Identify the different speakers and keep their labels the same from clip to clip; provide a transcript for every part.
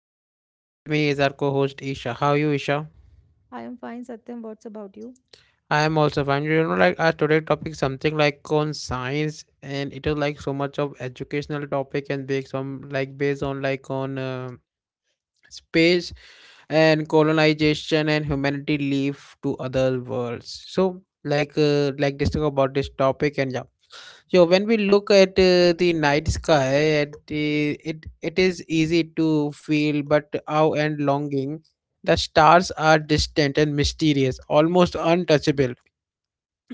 Speaker 1: Satyam and with me is our co-host Isha. How are you, Isha?
Speaker 2: I am fine, Satyam. What's about you?
Speaker 1: I am also fine. You know like our today topic something like on science and it is like so much of educational topic and based on space and colonization and humanity leave to other worlds. So, like, discuss about this topic and yeah. So when we look at the night sky, it is easy to feel but awe and longing. The stars are distant and mysterious, almost untouchable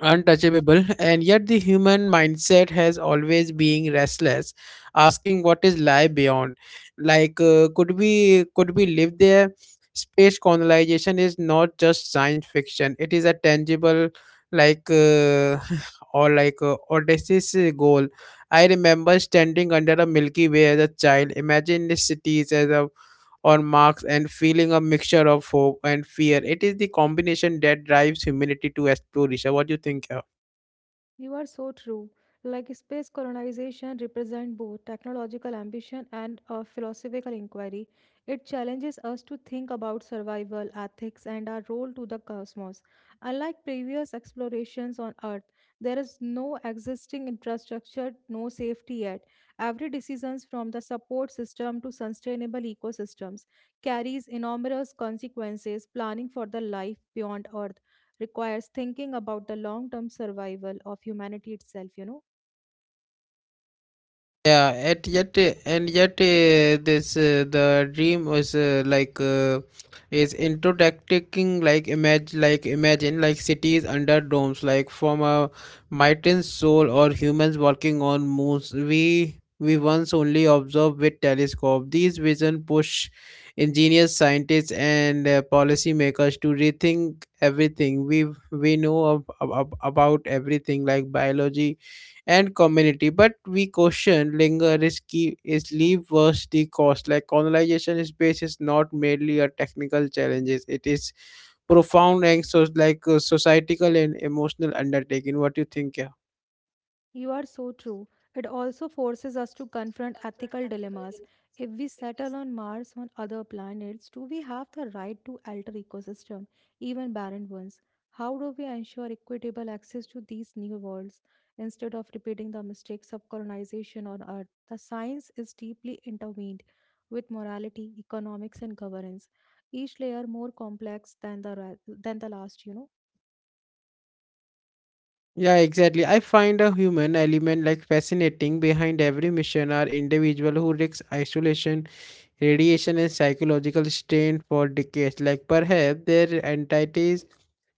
Speaker 1: untouchable and yet the human mindset has always been restless, asking what is lie beyond, like, could we live there. Space colonization is not just science fiction, it is a tangible, like, or like, odysseus goal. I remember standing under a Milky Way as a child imagining cities as a or marks and feeling a mixture of hope and fear. It is the combination that drives humanity to explore. Isha, what do you think?
Speaker 2: You are so true. Like space colonization represents both technological ambition and a philosophical inquiry. It challenges us to think about survival, ethics, and our role to the cosmos. Unlike previous explorations on Earth, there is no existing infrastructure, no safety yet. Every decision from the support system to sustainable ecosystems carries enormous consequences planning for the life beyond Earth requires thinking about the long term survival of humanity itself.
Speaker 1: And yet, this the dream was, is introducing, like, image like imagine like cities under domes like from a mighty soul or humans working on moons. We once only observed with telescope. These vision push ingenious scientists and, policymakers to rethink everything. We know of, about everything like biology and community. But we caution linger risky is leave worse the cost. Like colonization space is not merely a technical challenges; it is profound and so like, societal and emotional undertaking. What do you think? Yeah.
Speaker 2: You are so true. It also forces us to confront ethical dilemmas. If we settle on Mars or other planets, do we have the right to alter ecosystem, even barren ones? How do we ensure equitable access to these new worlds instead of repeating the mistakes of colonization on Earth? The science is deeply intertwined with morality, economics, and governance, each layer more complex than the last.
Speaker 1: Yeah, exactly. I find a human element like fascinating behind every mission are individual who risks isolation, radiation and psychological strain for decades. Like perhaps their entities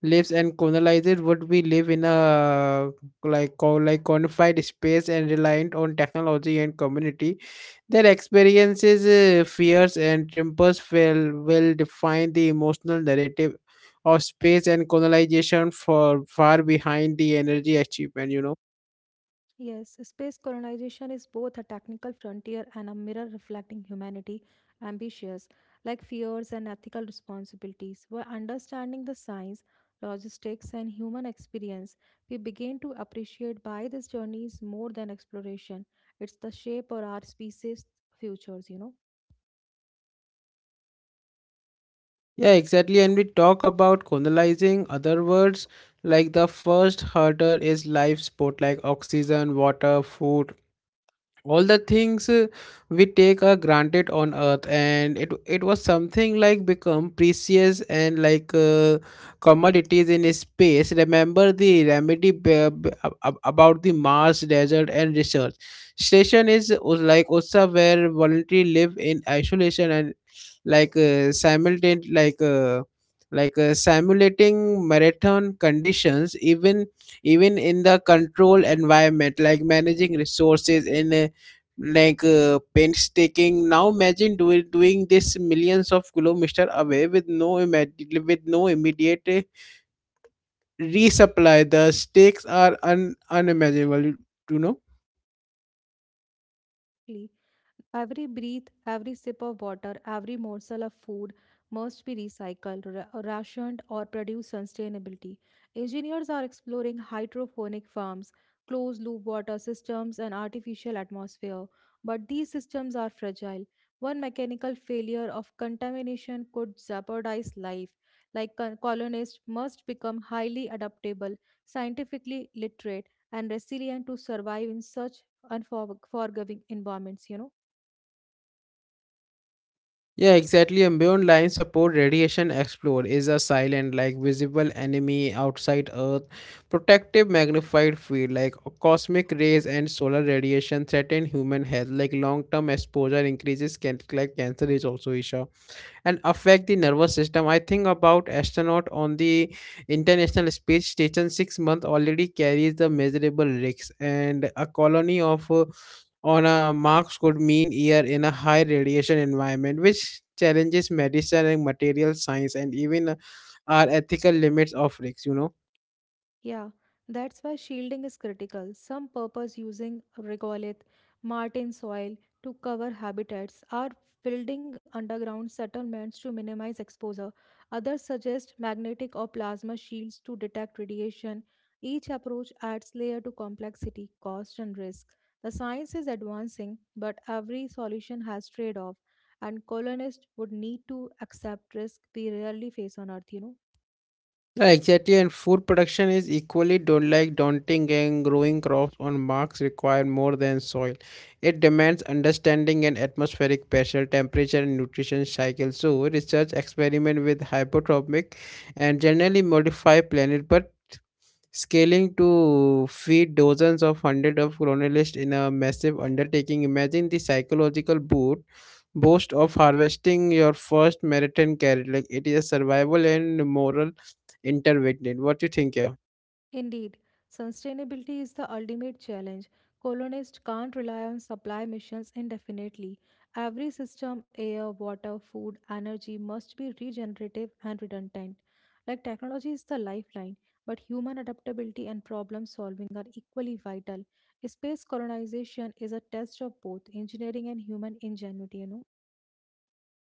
Speaker 1: lives and colonized would we live in a like, confined space and reliant on technology and community, their experiences, fears and tempers will define the emotional narrative of space and colonization for far behind the energy achievement.
Speaker 2: Yes, space colonization is both a technical frontier and a mirror reflecting humanity ambitions, like fears and ethical responsibilities. By understanding the science, logistics, and human experience, we begin to appreciate why this journey is more than exploration. It's the shape of our species' futures.
Speaker 1: Yeah, exactly. And we talk about colonizing other words, like the first hurdle is life support, like oxygen, water, food, all the things, we take are granted on earth and it was something like become precious and like, commodities in space. Remember the remedy, about the mars desert and research station, like also where voluntary live in isolation and like, simultaneous like simulating marathon conditions, even in the control environment like managing resources in, painstaking. Now imagine do doing this millions of kilometers away with no immediate resupply. The stakes are unimaginable you know
Speaker 2: Exactly. Every breath, every sip of water, every morsel of food must be recycled, rationed, or produce sustainability. Engineers are exploring hydroponic farms, closed loop water systems, and artificial atmosphere. But these systems are fragile. One mechanical failure of contamination could jeopardize life. Like colonists must become highly adaptable, scientifically literate, and resilient to survive in such unforgiving environments.
Speaker 1: yeah, exactly. And beyond line support, radiation explore is a silent, like, visible enemy outside earth protective magnified field, like cosmic rays and solar radiation threaten human health, like long-term exposure increases can, like, cancer is also issue and affect the nervous system. I think about astronaut on the International Space Station, 6 month already carries the measurable risks, and a colony of on a Mars could mean year in a high radiation environment, which challenges medicine and material science and even, our ethical limits of risks. You know.
Speaker 2: Yeah, that's why shielding is critical. Some purpose using regolith, martin soil to cover habitats are building underground settlements to minimize exposure. Others suggest magnetic or plasma shields to detect radiation. Each approach adds layer to complexity, cost, and risk. The science is advancing, but every solution has trade-off, and colonists would need to accept risk we rarely face on Earth.
Speaker 1: Yeah, exactly. And food production is equally don't, like, daunting and growing crops on marks require more than soil. It demands understanding and atmospheric pressure, temperature and nutrition cycle. So research experiment with hypotropic and generally modify planet but scaling to feed dozens of hundreds of colonialists in a massive undertaking. Imagine the psychological boot boast of harvesting your first meriton carrot. Like it is a survival and moral intervented. What do you think? Yeah.
Speaker 2: Indeed, sustainability is the ultimate challenge. Colonists can't rely on supply missions indefinitely. Every system, air, water, food, energy must be regenerative and redundant. Like technology is the lifeline, but human adaptability and problem solving are equally vital. Space colonization is a test of both engineering and human ingenuity.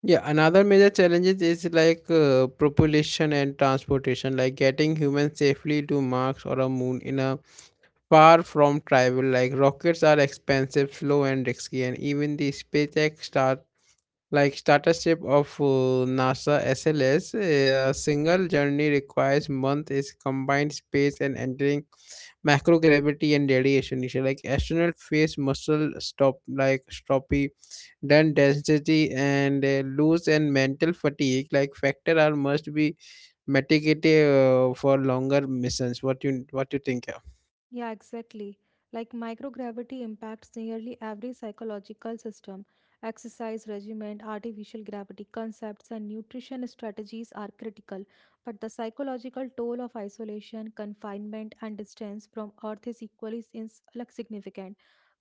Speaker 1: Yeah, another major challenges is, like, propulsion and transportation, like getting humans safely to Mars or a moon in a far from travel. Like rockets are expensive, slow, and risky, and even the SpaceX Star, like startership of, NASA SLS, single journey requires month is combined space and entering microgravity and radiation issue. Like astronaut face muscle stop, like, stropy, then density and, lose and mental fatigue. Like factor are must be mitigated, for longer missions. What you think?
Speaker 2: Yeah, exactly. Like microgravity impacts nearly every psychological system. Exercise regimen, artificial gravity concepts, and nutrition strategies are critical, but the psychological toll of isolation, confinement, and distance from Earth is equally significant.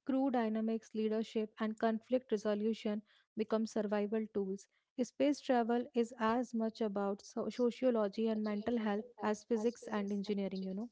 Speaker 2: Crew dynamics, leadership, and conflict resolution become survival tools. Space travel is as much about sociology and mental health as physics and engineering.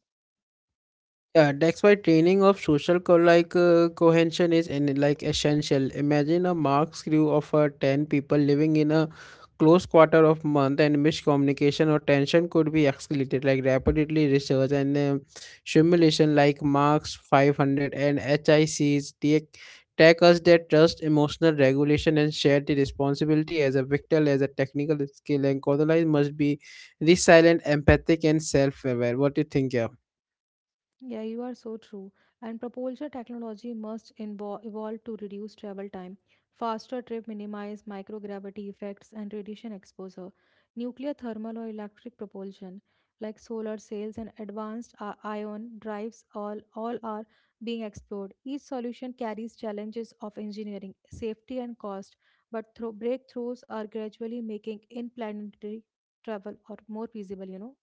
Speaker 1: Yeah, that's why training of social, cohesion is in, like, essential. Imagine a Marx crew of, 10 people living in a close quarter of month, and miscommunication or tension could be escalated, like, rapidly. Research and, simulation like Marx 500 and HICs take us that trust, emotional regulation, and shared responsibility as a vital as a technical skill. And Kodalai must be resilient, empathic, and self-aware. What do you think, yeah?
Speaker 2: Yeah, you are so true. And propulsion technology must evolve to reduce travel time, faster trip, minimize microgravity effects, and radiation exposure. Nuclear, thermal, or electric propulsion, like solar sails and advanced ion drives, all are being explored. Each solution carries challenges of engineering, safety, and cost, but breakthroughs are gradually making interplanetary travel or more feasible.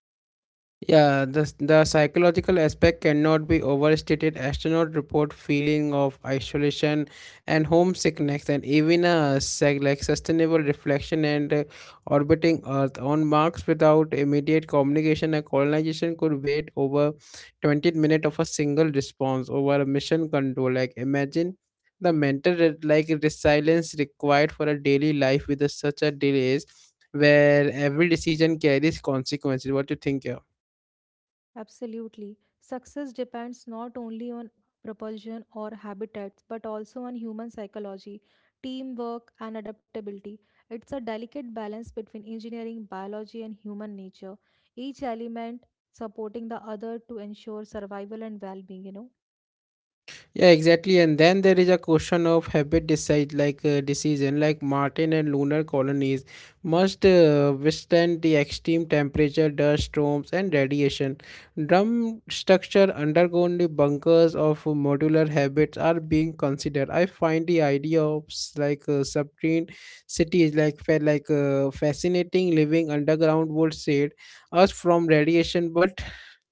Speaker 1: Yeah, the psychological aspect cannot be overstated. Astronauts report feeling of isolation and homesickness, and even a sustainable reflection and, orbiting Earth on Mars without immediate communication and colonization could wait over 20 minutes of a single response over a mission control. Like imagine the mental resilience required for a daily life with a, such a delays where every decision carries consequences. What do you think? Yeah?
Speaker 2: Absolutely. Success depends not only on propulsion or habitats, but also on human psychology, teamwork, and adaptability. It's a delicate balance between engineering, biology, and human nature, each element supporting the other to ensure survival and well being.
Speaker 1: Yeah, exactly. And then there is a question of habit decide, like, decision like Martin and lunar colonies must, withstand the extreme temperature, dust storms, and radiation. Drum structure undergone the bunkers of modular habits are being considered. I find the idea of, subterranean cities, like, fascinating. Living underground would shade us from radiation, but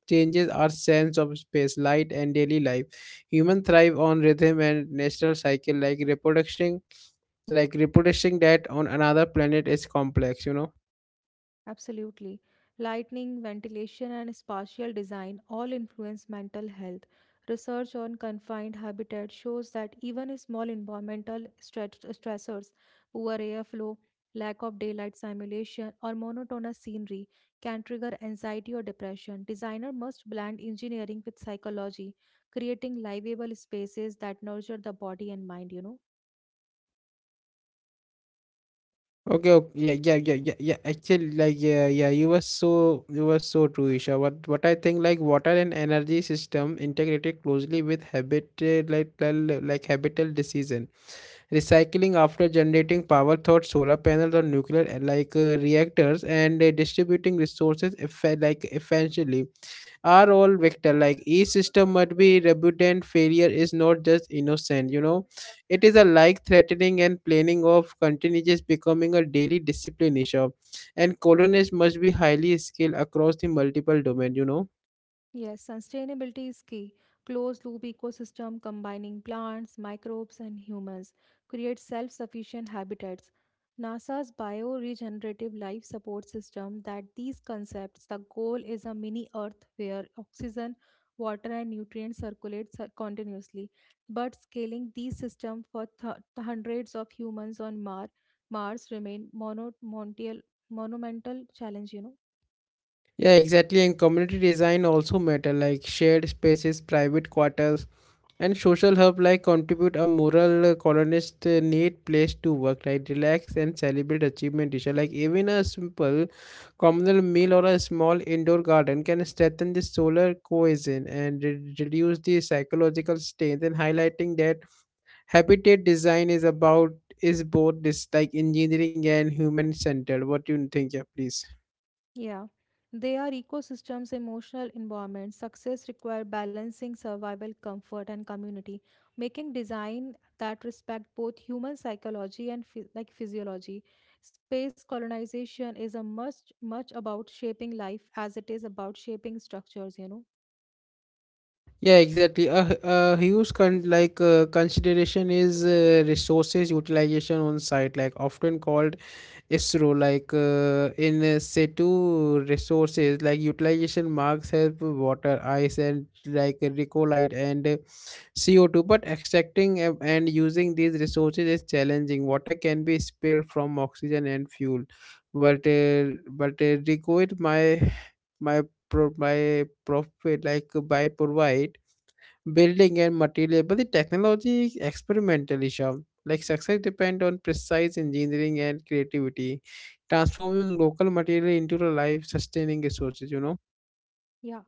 Speaker 1: changes our sense of space, light, and daily life. Humans thrive on rhythm and natural cycle, like reproducing that on another planet is complex.
Speaker 2: Absolutely. Lighting, ventilation, and spatial design all influence mental health. Research on confined habitat shows that even small environmental stressors, poor airflow, lack of daylight simulation, or monotonous scenery can trigger anxiety or depression. Designer must blend engineering with psychology, creating livable spaces that nurture the body and mind.
Speaker 1: Okay, okay, yeah, yeah, yeah, yeah, yeah. Actually, like, yeah, yeah, you were so true, Isha. What I think, like, water and energy system integrated closely with habitat. Like habitat decision, recycling after generating power through solar panels or nuclear, like, reactors, and, distributing resources, like, efficiently are all vector like each system must be reputant failure is not just innocent, you know. It is a like threatening and planning of continuous becoming a daily discipline issue, and colonists must be highly skilled across the multiple domain, you know.
Speaker 2: Yes, sustainability is key. Closed loop ecosystem combining plants, microbes, and humans creates self sufficient habitats. NASA's bioregenerative life support system that these concepts the goal is a mini earth where oxygen, water and nutrients circulate continuously. But scaling these systems for hundreds of humans on Mars remain monumental challenge.
Speaker 1: Yeah, exactly. And community design also matter, like shared spaces private quarters and social hub, like contribute a moral colonist, need place to work, right? Relax and celebrate achievement, Disha. Like even a simple communal meal or a small indoor garden can strengthen the solar cohesion and reduce the psychological strain and highlighting that habitat design is both this, like, engineering and human centered. What do you think? Yeah, please.
Speaker 2: Yeah, they are ecosystems, emotional environment. Success require balancing survival, comfort, and community, making design that respect both human psychology and physiology. Space colonization is a much about shaping life as it is about shaping structures.
Speaker 1: Yeah, exactly. A huge consideration is, resources utilization on site, like often called ISRO. Like, in situ resources, like utilization marks help water, ice, and like recollite and, CO2. But extracting and using these resources is challenging. Water can be spilled from oxygen and fuel, but recollite my my profit, like by provide building and material, but the technology is experimental, Isham. Like success depend on precise engineering and creativity transforming local material into the life sustaining resources, you know.
Speaker 2: Yeah,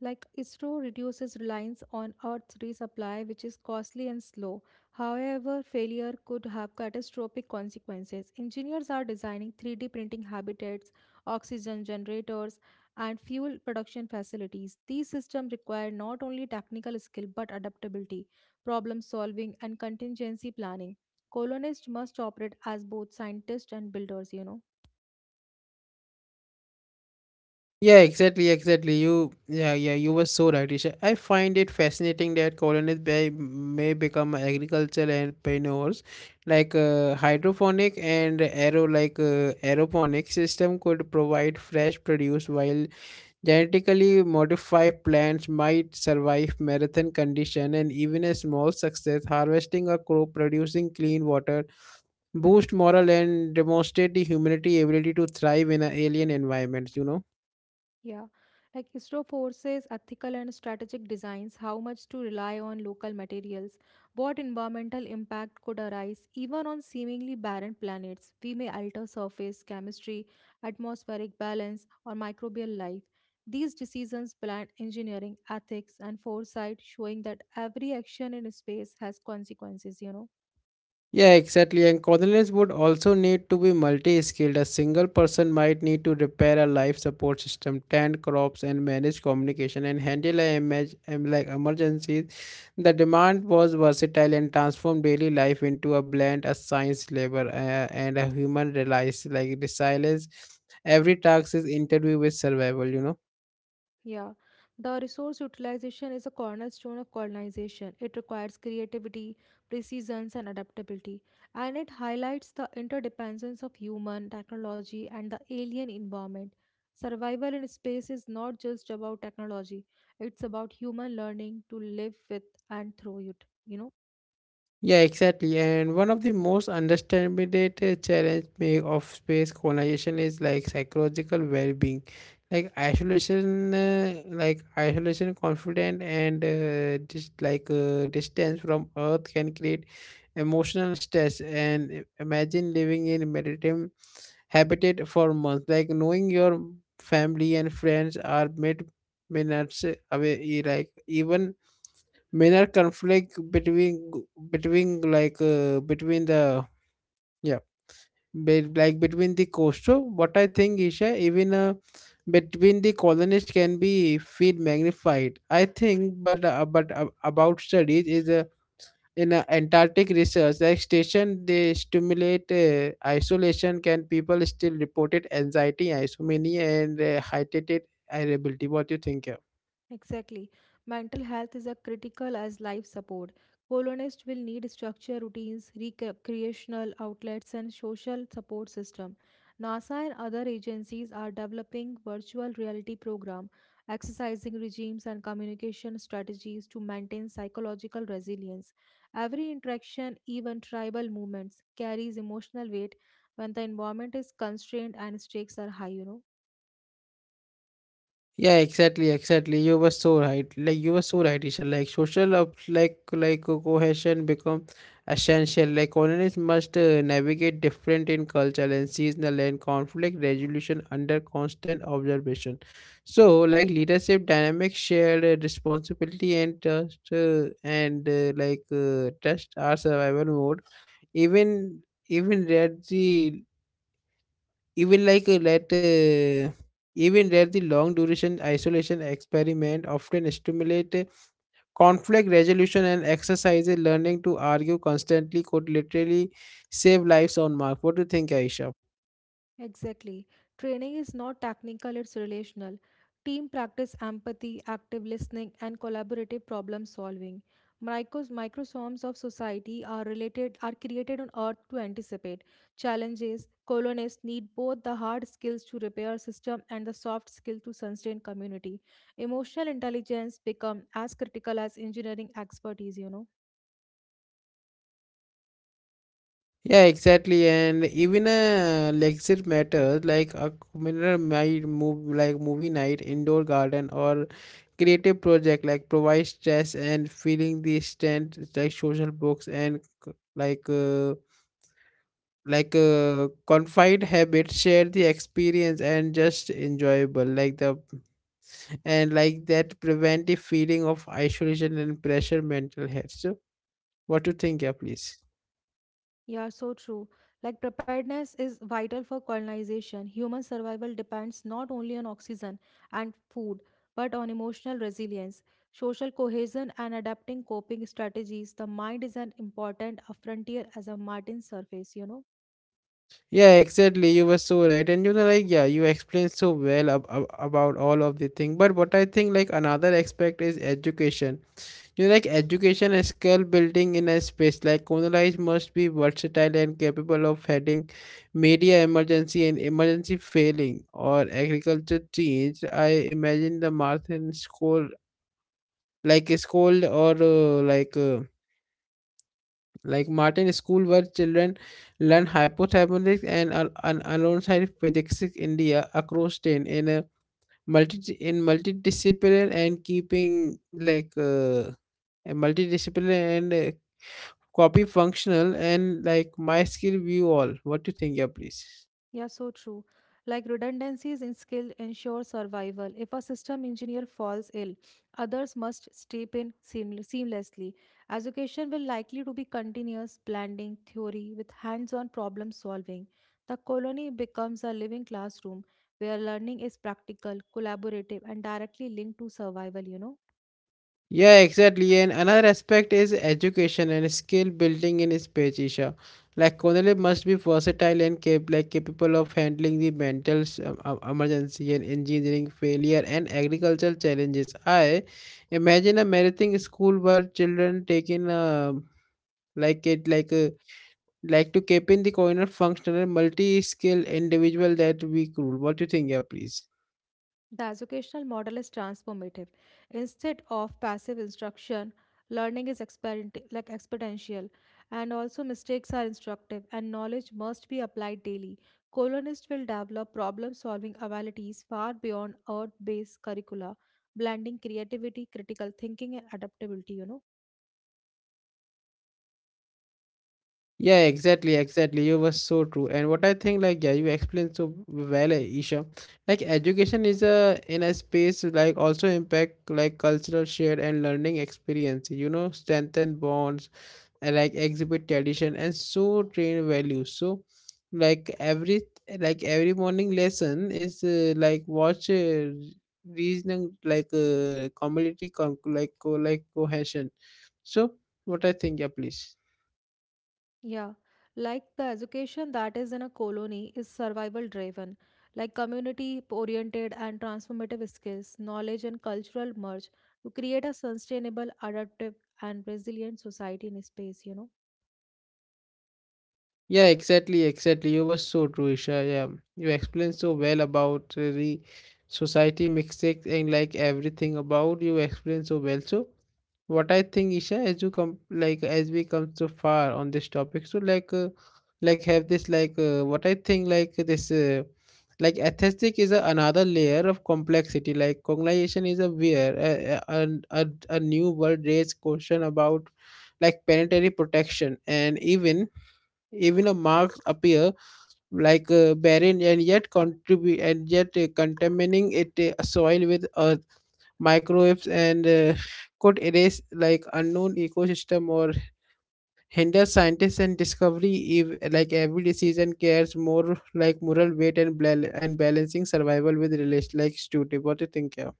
Speaker 2: like ISRO reduces reliance on Earth's resupply, which is costly and slow. However, failure could have catastrophic consequences. Engineers are designing 3D printing habitats, oxygen generators, and fuel production facilities. These systems require not only technical skill but adaptability, problem solving, and contingency planning. Colonists must operate as both scientists and builders.
Speaker 1: Yeah, exactly, exactly. you yeah yeah You were so right, Isha. I find it fascinating that colonies may become agricultural entrepreneurs, like, hydroponic and aeroponic system could provide fresh produce while genetically modified plants might survive marathon condition and even a small success harvesting a crop producing clean water boost moral and demonstrate the humanity ability to thrive in a alien environments, you know.
Speaker 2: Yeah, like ISRO forces ethical and strategic designs, how much to rely on local materials, what environmental impact could arise even on seemingly barren planets. We may alter surface chemistry, atmospheric balance, or microbial life. These decisions blind engineering, ethics, and foresight, showing that every action in space has consequences.
Speaker 1: Yeah, exactly. And cordoners would also need to be multi-skilled. A single person might need to repair a life support system, tend crops, and manage communication, and handle a image, like emergencies. The demand was versatile and transformed daily life into a blend, a science labor, and a human reliance, like resilience. Every task is interview with survival. You know.
Speaker 2: Yeah, the resource utilization is a cornerstone of colonization. It requires creativity, precision, and adaptability, and it highlights the interdependence of human technology and the alien environment. Survival in space is not just about technology, it's about human learning to live with and through it.
Speaker 1: Yeah, exactly. And one of the most underestimated challenge of space colonization is like psychological well-being, like isolation, confident, and, just like distance from Earth can create emotional stress. And imagine living in meditative habitat for months, like knowing your family and friends are mid minutes away, like even minor conflict between between the yeah be, like between the coastal, what I think, Isha, even, between the colonists can be feel magnified, I think, but about studies is, in antarctic research, like station they stimulate, isolation can people still reported anxiety isomania and, heightened irritability. What do you think? Yeah?
Speaker 2: Exactly. Mental health is as critical as life support. Colonists will need structure routines, recreational outlets, and social support system. NASA and other agencies are developing virtual reality program, exercising regimes and communication strategies to maintain psychological resilience. Every interaction, even tribal movements, carries emotional weight when the environment is constrained and stakes are high.
Speaker 1: Yeah, exactly, exactly. You were so right. Like you were so right, Isha. Like social, of, like cohesion become essential. Like colonists must navigate different in cultural and seasonal and conflict resolution under constant observation. So, like leadership dynamics, shared responsibility and trust, and like trust are survival mode. Even even rarely even like let even let the long duration isolation experiment often stimulate conflict resolution and exercise learning to argue constantly could literally save lives on mark. What do you think, Aisha?
Speaker 2: Exactly. Training is not technical, it's relational. Team practice empathy, active listening, and collaborative problem solving. Micros, microsomes of society are related are created on Earth to anticipate challenges. Colonists need both the hard skills to repair system and the soft skill to sustain community. Emotional intelligence become as critical as engineering expertise.
Speaker 1: Yeah, exactly. And even a lecture matters like a communal night move like movie night, indoor garden or creative project like provide stress and feeling the strength like social books and like uh, confide habits share the experience and just enjoyable like the and like that preventive feeling of isolation and pressure mental health. So what do you think? Yeah, please.
Speaker 2: Yeah, so true. Like preparedness is vital for colonization. Human survival depends not only on oxygen and food, but on emotional resilience, social cohesion, and adapting coping strategies. The mind is an important a frontier as a Martin surface.
Speaker 1: Yeah, exactly, you were so right. And you know, like, yeah, you explained so well about all of the thing. But what I think, like another aspect is education. You know, like education and skill building in a space like Kunalais must be versatile and capable of handling media emergency and emergency failing or agriculture change. I imagine the Martin school like a school, or like Martin school where children learn hypothalamus and alongside physics in India across ten in a multidisciplinary and keeping a multidisciplinary and copy functional and like my skill view all. What do you think? Yeah, please.
Speaker 2: Yeah, so true. Like redundancies in skill ensure survival. If a system engineer falls ill, others must step in seamlessly. Education will likely to be continuous blending theory with hands-on problem solving. The colony becomes a living classroom where learning is practical, collaborative, and directly linked to survival.
Speaker 1: Yeah, exactly. And another aspect is education and skill building in speech, Isha. Like Cornelia must be versatile and capable of handling the mental emergency and engineering failure and agricultural challenges. I imagine a marathon school where children taking like it like to keep in the corner functional multi-skill individual that we cool. What do you think? Yeah, please.
Speaker 2: The educational model is transformative. Instead of passive instruction, learning is exponential, and also mistakes are instructive, and knowledge must be applied daily. Colonists will develop problem solving abilities far beyond earth based curricula, blending creativity, critical thinking, and adaptability.
Speaker 1: Yeah, exactly, exactly. You were so true. And what I think, like, yeah, you explained so well, eh, Isha. Like, education is a in a space like also impact like cultural share and learning experience. You know, strengthen bonds, like exhibit tradition and so train values. So like every every morning lesson is like watch reasoning community cohesion. So what I think? Yeah, please.
Speaker 2: Yeah, like the education that is in a colony is survival driven, like community oriented and transformative skills, knowledge, and cultural merge to create a sustainable, adaptive, and resilient society in space.
Speaker 1: Yeah, exactly, exactly. You were so true, Isha. Yeah, you explained so well about the society mistakes and like everything about you explained so well. So what I think, Isha, as you come like as we come so far on this topic, so like have this like what I think like this like aesthetic is a another layer of complexity. Like colonization is a where a new world raised question about like planetary protection. And even even a marks appear barren and yet contamining it soil with earth microbes, and could erase like unknown ecosystem or hinder scientists and discovery if like every decision cares more like moral weight and balancing survival with relation like stupid. What do you think? Yeah?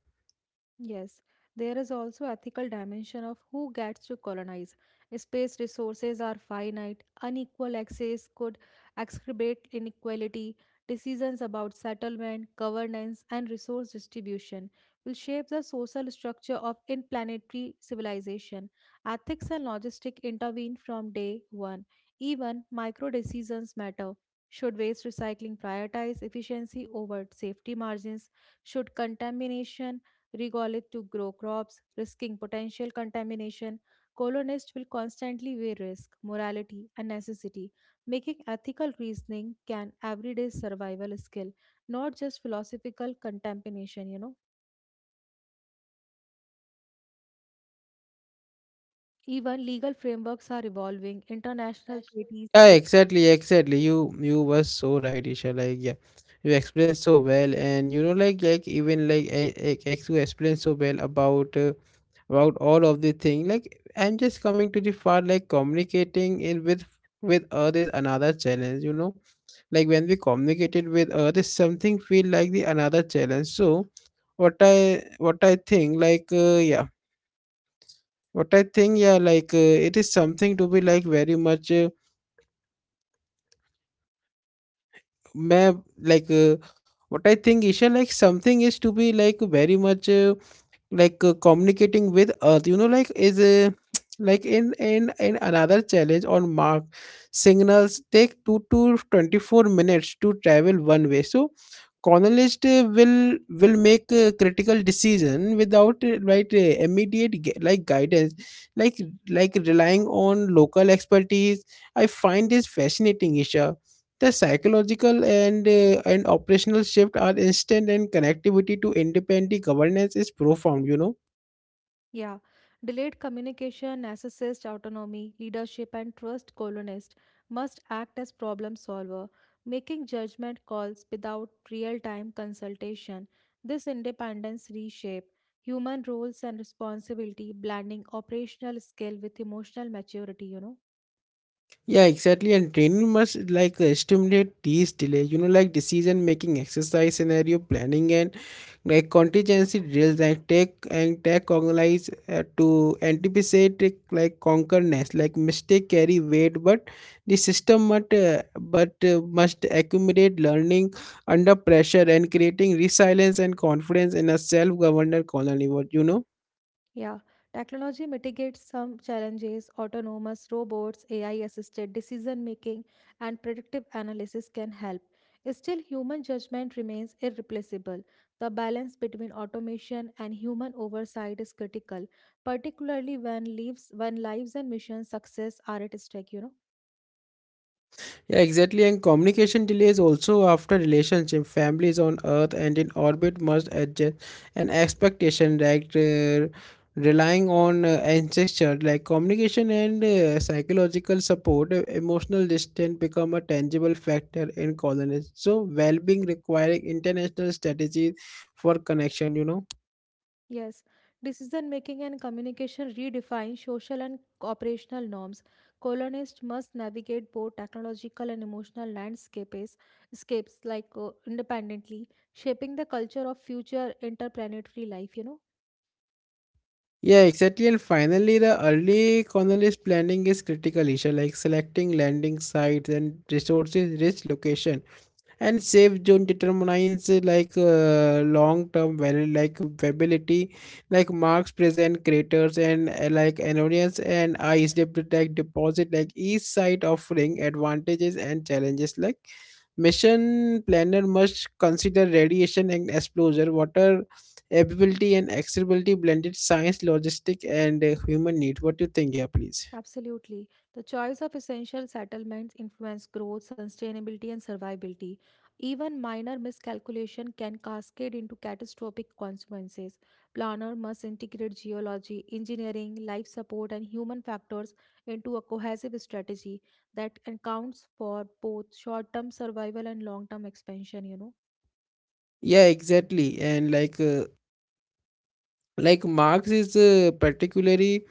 Speaker 2: Yes, there is also ethical dimension of who gets to colonize. Space resources are finite. Unequal access could exacerbate inequality. Decisions about settlement, governance, and resource distribution will shape the social structure of interplanetary civilization. Ethics and logistics intervene from day one. Even micro decisions matter. Should waste recycling prioritize efficiency over safety margins? Should contamination Regall it to grow crops, risking potential contamination. Colonists will constantly weigh risk, morality, and necessity, making ethical reasoning can everyday survival skill, not just philosophical contamination. Even legal frameworks are evolving. International treaties.
Speaker 1: Yeah, exactly, exactly. You were so right, Isha. Like, yeah, you explained so well. And you know, like even like, I, ex- you explained so well about all of the thing. Like, I'm just coming to the part like communicating in with Earth is another challenge. You know, like when we communicated with Earth, is something feel like the another challenge. So what I think, like, yeah, what I think, yeah, like it is something to be like very much. मैं like uh, what I think, Isha, like something is to be like very much communicating with Earth. You know, like is like in another challenge on Mark, signals take 2 to 24 minutes to travel one way. So colonist will make a critical decision without immediate guidance, like like relying on local expertise. I find this fascinating, Isha. The psychological and operational shift are instant, and connectivity to independent governance is profound. You know.
Speaker 2: Yeah, delayed communication, narcissist autonomy, leadership, and trust colonist must act as problem solver, making judgment calls without real-time consultation. This independence reshape human roles and responsibility, blending operational skill with emotional maturity.
Speaker 1: Yeah, exactly. And training must stimulate these delay, you know, like decision making, exercise scenario planning, and like contingency drills and take organize to anticipate it, like concurrence, like mistake carry weight, but the system must accumulate learning under pressure and creating resilience and confidence in a self-governed colony. What you know.
Speaker 2: Yeah, technology mitigates some challenges. Autonomous robots, AI assisted decision making, and predictive analysis can help. Still, human judgment remains irreplaceable. The balance between automation and human oversight is critical, particularly when lives and mission success are at stake.
Speaker 1: Yeah, exactly. And communication delays also after relationship. Families on Earth and in orbit must adjust an expectation that relying on ancestors like communication and psychological support. Emotional distance become a tangible factor in colonies. So well-being requiring international strategies for connection. You know.
Speaker 2: Yes, decision making and communication redefine social and operational norms. Colonists must navigate both technological and emotional landscapes scapes like independently, shaping the culture of future interplanetary life.
Speaker 1: Yeah, exactly. And finally, the early colonist planning is critical issue like selecting landing sites and resources rich location and safe zone determines long term value like viability. Like marks present craters and like annoyance and ice depth like deposit, like each site offering advantages and challenges. Like mission planner must consider radiation and exposure, water availability and accessibility, blended science logistic and human need. What do you think? Yeah, please.
Speaker 2: Absolutely. The choice of essential settlements influence growth, sustainability, and survivability. Even minor miscalculation can cascade into catastrophic consequences. Planner must integrate geology, engineering, life support, and human factors into a cohesive strategy that accounts for both short-term survival and long-term expansion.
Speaker 1: Yeah, exactly. And like marx is uh, particularly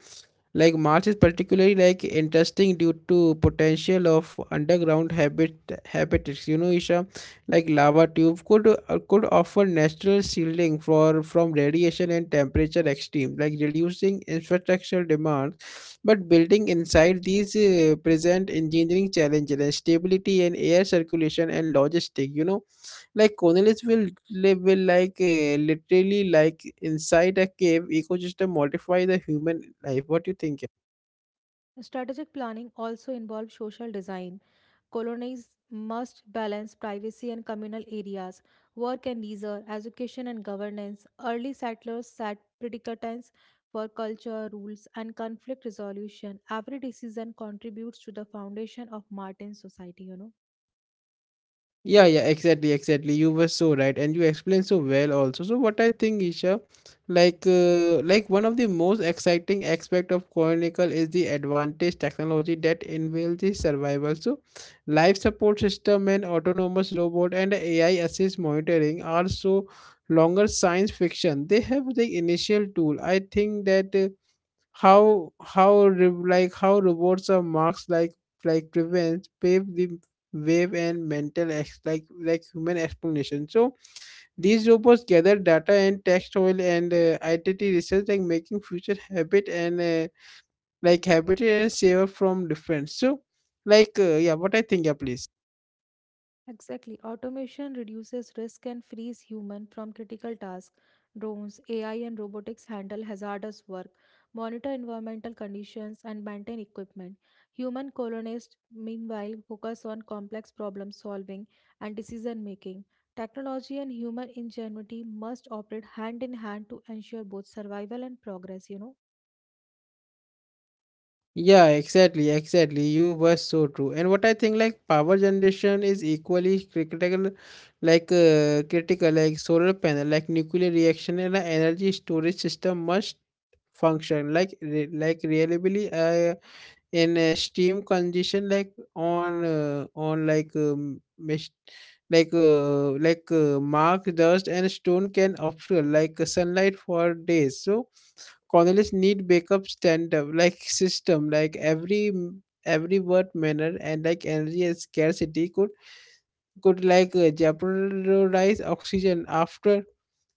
Speaker 1: marx is particularly like interesting due to potential of underground habitats, you know, Isha. Like lava tube could offer natural shielding for from radiation and temperature extreme, like reducing infrastructural demands, but building inside these present engineering challenges and stability and air circulation and logistic, you know. Like Cornelis will literally like inside a cave ecosystem modify the human life. What do you think?
Speaker 2: Strategic planning also involves social design. Colonies must balance privacy and communal areas, work and leisure, education and governance. Early settlers set predicatants for culture, rules, and conflict resolution. Every decision contributes to the foundation of Martin's society.
Speaker 1: Yeah, yeah, exactly, exactly. You were so right, and you explained so well also. So what I think, Isha, like one of the most exciting aspect of Chronicle is the advantage technology that enables the survival. So life support system and autonomous robot and AI assist monitoring are so longer science fiction. They have the initial tool. I think that. How rewards or marks like prevents pave the wave and mental ex like human explanation. So these robots gather data and text oil and identity research, like making future habitat and saver from difference. So yeah, what I think? Yeah, please.
Speaker 2: Exactly. Automation reduces risk and frees human from critical tasks. Drones, AI, and robotics handle hazardous work, monitor environmental conditions, and maintain equipment. Human colonists, meanwhile, focus on complex problem solving and decision making. Technology and human ingenuity must operate hand in hand to ensure both survival and progress.
Speaker 1: Yeah, exactly, exactly. You were so true. And what I think, like power generation is equally critical, critical, like solar panel, like nuclear reaction, and a energy storage system must function reliably in a steam condition, like on like mis- like mark dust and stone can obscure like sunlight for days. So Colonists need backup stand-up like system, like every word manner and like energy and scarcity could jeopardize oxygen after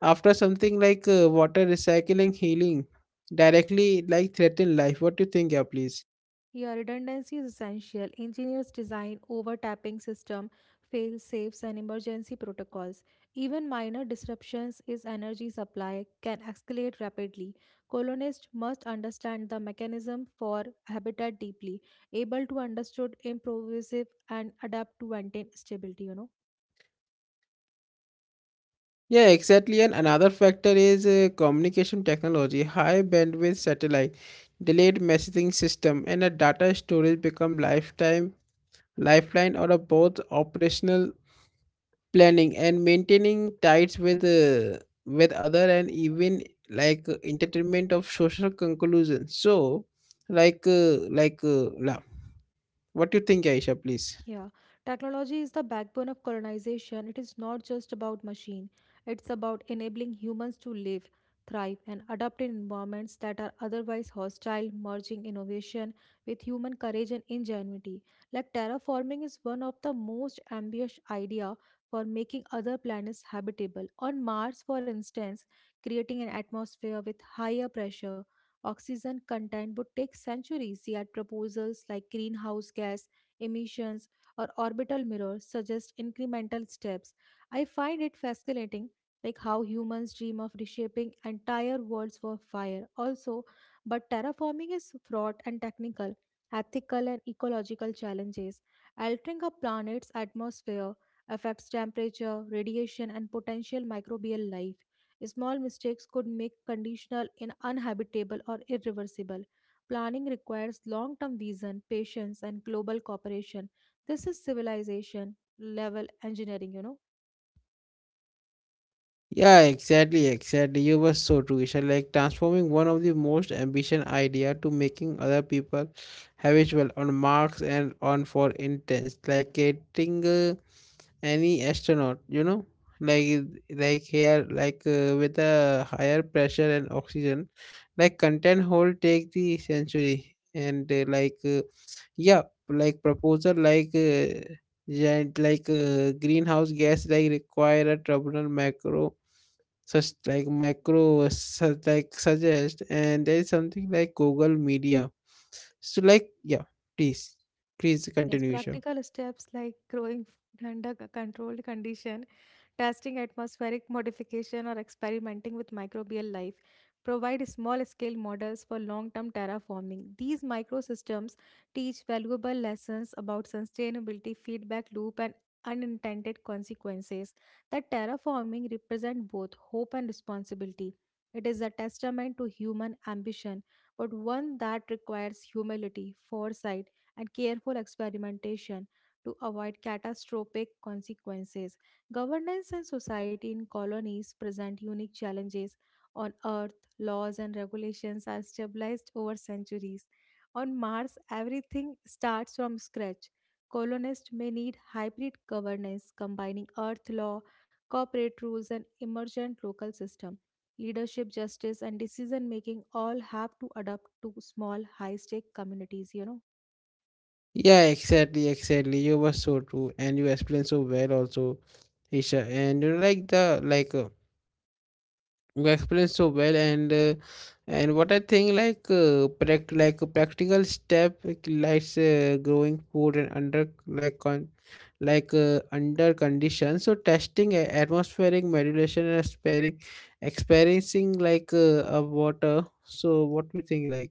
Speaker 1: after something like water recycling healing directly like threaten life. What do you think? Yeah, please?
Speaker 2: Yeah, redundancy is essential. Engineers design overtapping system, fail safes, and emergency protocols. Even minor disruptions is energy supply can escalate rapidly. Colonists must understand the mechanism for habitat deeply, able to understood improvisive and adapt to maintain stability, you know.
Speaker 1: Yeah, exactly. And another factor is communication technology, high bandwidth satellite, delayed messaging system, and a data storage become lifetime lifeline or a both operational planning and maintaining ties with other, and even entertainment of social conclusion. So like uh, like uh, la- what do you think, Aisha, please?
Speaker 2: Yeah, technology is the backbone of colonization. It is not just about machine. It's about enabling humans to live, thrive, and adapt in environments that are otherwise hostile, merging innovation with human courage and ingenuity. Like terraforming is one of the most ambitious idea for making other planets habitable. On Mars, for instance, creating an atmosphere with higher pressure, oxygen content would take centuries. Yet proposals like greenhouse gas emissions or orbital mirrors suggest incremental steps. I find it fascinating like how humans dream of reshaping entire worlds for fire also, but terraforming is fraught and technical, ethical, and ecological challenges. Altering a planet's atmosphere affects temperature, radiation, and potential microbial life. Small mistakes could make conditional in uninhabitable or irreversible. Planning requires long-term vision, patience, and global cooperation. This is civilization level engineering, you know.
Speaker 1: Yeah, exactly, exactly. You were so true, Aisha. Like transforming one of the most ambition idea to making other people habitual on marks and on for intense, like getting any astronaut, you know. Like with a higher pressure and oxygen like content hold take the century, and yeah proposal giant greenhouse gas like require a tribunal macro such like micro such like suggest and there is something like google media. So like yeah, please, please
Speaker 2: Yes,
Speaker 1: continue, Isha.
Speaker 2: practical steps like growing food under controlled condition, testing atmospheric modification, or experimenting with microbial life provide small scale models for long term terraforming. These microsystems teach valuable lessons about sustainability, feedback loop, and unintended consequences that terraforming represent both hope and responsibility. It is a testament to human ambition, but one that requires humility, foresight, and careful experimentation to avoid catastrophic consequences. Governance and society in colonies present unique challenges. On Earth, laws and regulations are stabilized over centuries. On Mars, everything starts from scratch. Colonists may need hybrid governance combining Earth law, corporate rules, and emergent local system. Leadership, justice, and decision making all have to adapt to small, high stake communities, you know.
Speaker 1: Yeah, exactly, exactly. You were so true, and you explained so well also, Isha. And you know, like the like you explained so well, and what I think a practical step like growing food and under like con like under conditions. So testing atmospheric modulation and sparing experiencing of water. So what we think like.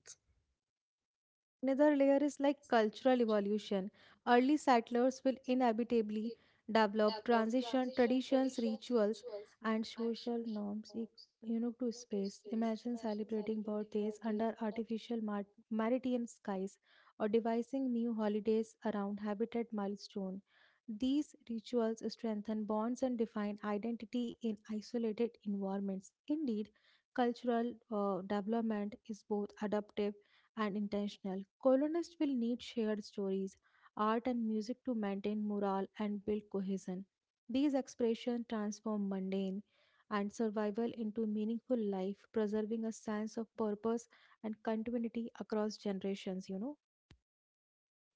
Speaker 2: Another layer is like cultural evolution. Early settlers will inevitably develop transition traditions, rituals, and social norms unique to space. Imagine celebrating birthdays under artificial maritime skies or devising new holidays around habitat milestone. These rituals strengthen bonds and define identity in isolated environments. Indeed, cultural development is both adaptive and intentional. Colonists will need shared stories, art, and music to maintain morale and build cohesion. These expressions transform mundane and survival into meaningful life, preserving a sense of purpose and continuity across generations, you know.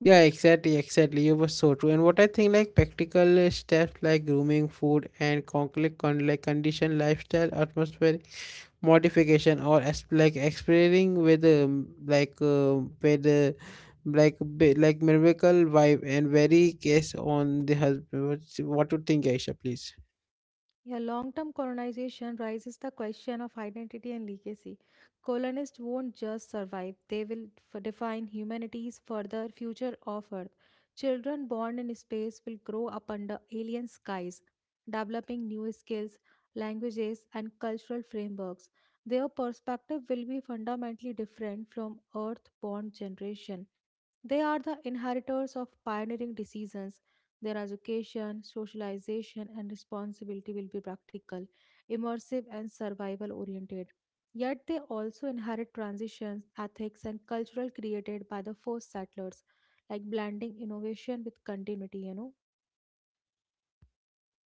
Speaker 1: Yeah, exactly, exactly. You were so true. And what I think, like practical steps like grooming, food, and concrete condition, lifestyle, atmosphere modification, or exploring with with uh, like miracle vibe and very case on the husband. What to think, Aisha? Please.
Speaker 2: Yeah, long term colonization raises the question of identity and legacy. Colonists won't just survive, they will define humanity's further future of Earth. Children born in space will grow up under alien skies, developing new skills, languages, and cultural frameworks. Their perspective will be fundamentally different from Earth born generation. They are the inheritors of pioneering decisions. Their education, socialization, and responsibility will be practical, immersive, and survival oriented. Yet they also inherit transitions, ethics, and cultural created by the first settlers, like blending innovation with continuity, you know.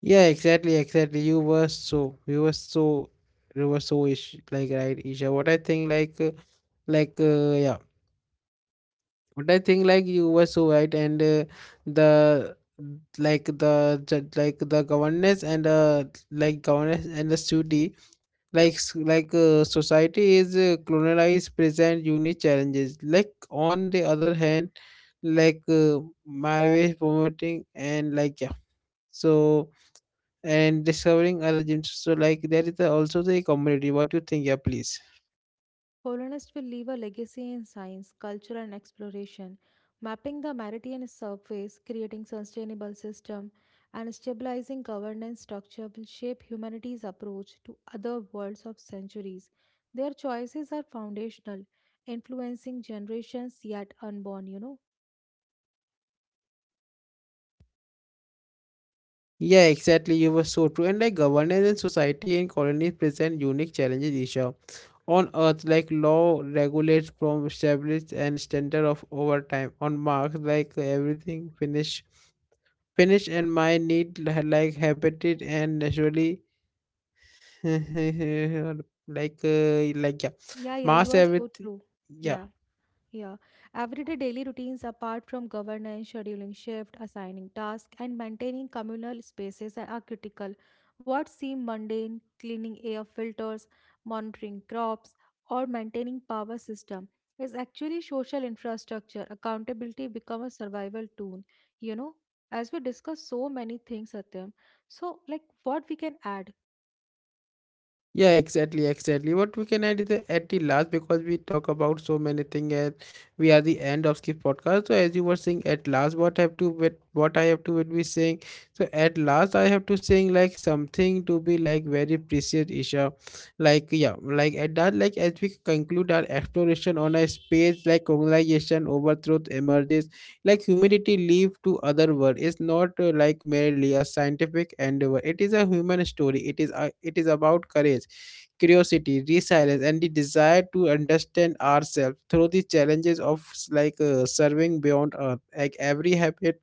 Speaker 1: Yeah, exactly, exactly. You were so you were so you were so ish like right, Isha. What I think, like yeah. But I think like you were so right, and the the governance and governance and the study like society is colonized present unique challenges. Like on the other hand, like uh, marriage promoting and like yeah, so and discovering other gems. So like there is the also the community. What do you think? Yeah, please.
Speaker 2: Colonists will leave a legacy in science, culture, and exploration, mapping the Meridian surface, creating sustainable system, and stabilizing governance structure will shape humanity's approach to other worlds of centuries. Their choices are foundational, influencing generations yet unborn, you know?
Speaker 1: Yeah, exactly. You were so true. And like governance and society and colonies present unique challenges, Isha. On Earth, like law regulates from established and standard of over time. On Mars, like everything finish and my need habitat and naturally like yeah.
Speaker 2: Yeah, yeah, you
Speaker 1: Mars
Speaker 2: are so
Speaker 1: everything
Speaker 2: true.
Speaker 1: yeah.
Speaker 2: Yeah. Yeah, everyday daily routines apart from governance, scheduling shift, assigning tasks, and maintaining communal spaces are critical. What seem mundane, cleaning air filters, monitoring crops, or maintaining power system is actually social infrastructure. Accountability become a survival tool. You know, as we discuss so many things, Satyam. So, like, what we can add?
Speaker 1: Yeah, exactly, exactly. What we can add is the at the last, because we talk about so many things and we are the end of this podcast. So as you were saying at last, what have to what I have to would be saying. So at last, I have to saying like something to be like very precious, Isha. Like yeah, like at that, like as we conclude our exploration on a space like colonization overthrow emerges like humanity leave to other world is not like merely a scientific endeavor. It is a human story. It is about courage, curiosity, resilience, and the desire to understand ourselves through the challenges of serving beyond earth. Like every habit,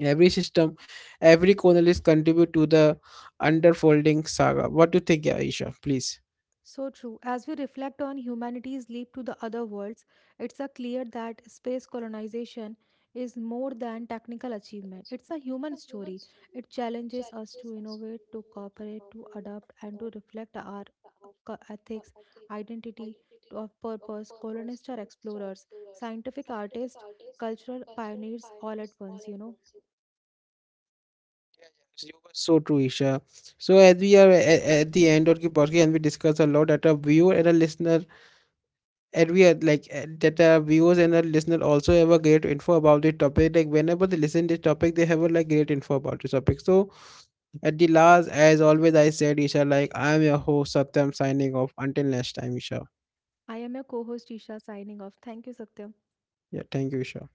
Speaker 1: every system, every corner is contribute to the underfolding saga. What do you think, Aisha? Please.
Speaker 2: So true. As we reflect on humanity's leap to the other worlds, it's a clear that space colonization is more than technical achievement. It's a human story. It challenges us to innovate, to cooperate, to adapt, and to reflect our ethics, identity of purpose. Colonists are explorers, scientific artists, cultural pioneers all at once, you know.
Speaker 1: Yeah, yeah, you were so true, Isha. So as we are at the end of the podcast and we discuss a lot at a viewer and a listener, and we are that our viewers and our listener also have a great info about the topic. Like whenever they listen this topic, they have a like great info about this topic. So at the last, as always I said, Isha, like I am your host Satyam signing off. Until next time, Isha.
Speaker 2: I am your co-host Isha signing off. Thank you, Satyam.
Speaker 1: Yeah, thank you, Isha.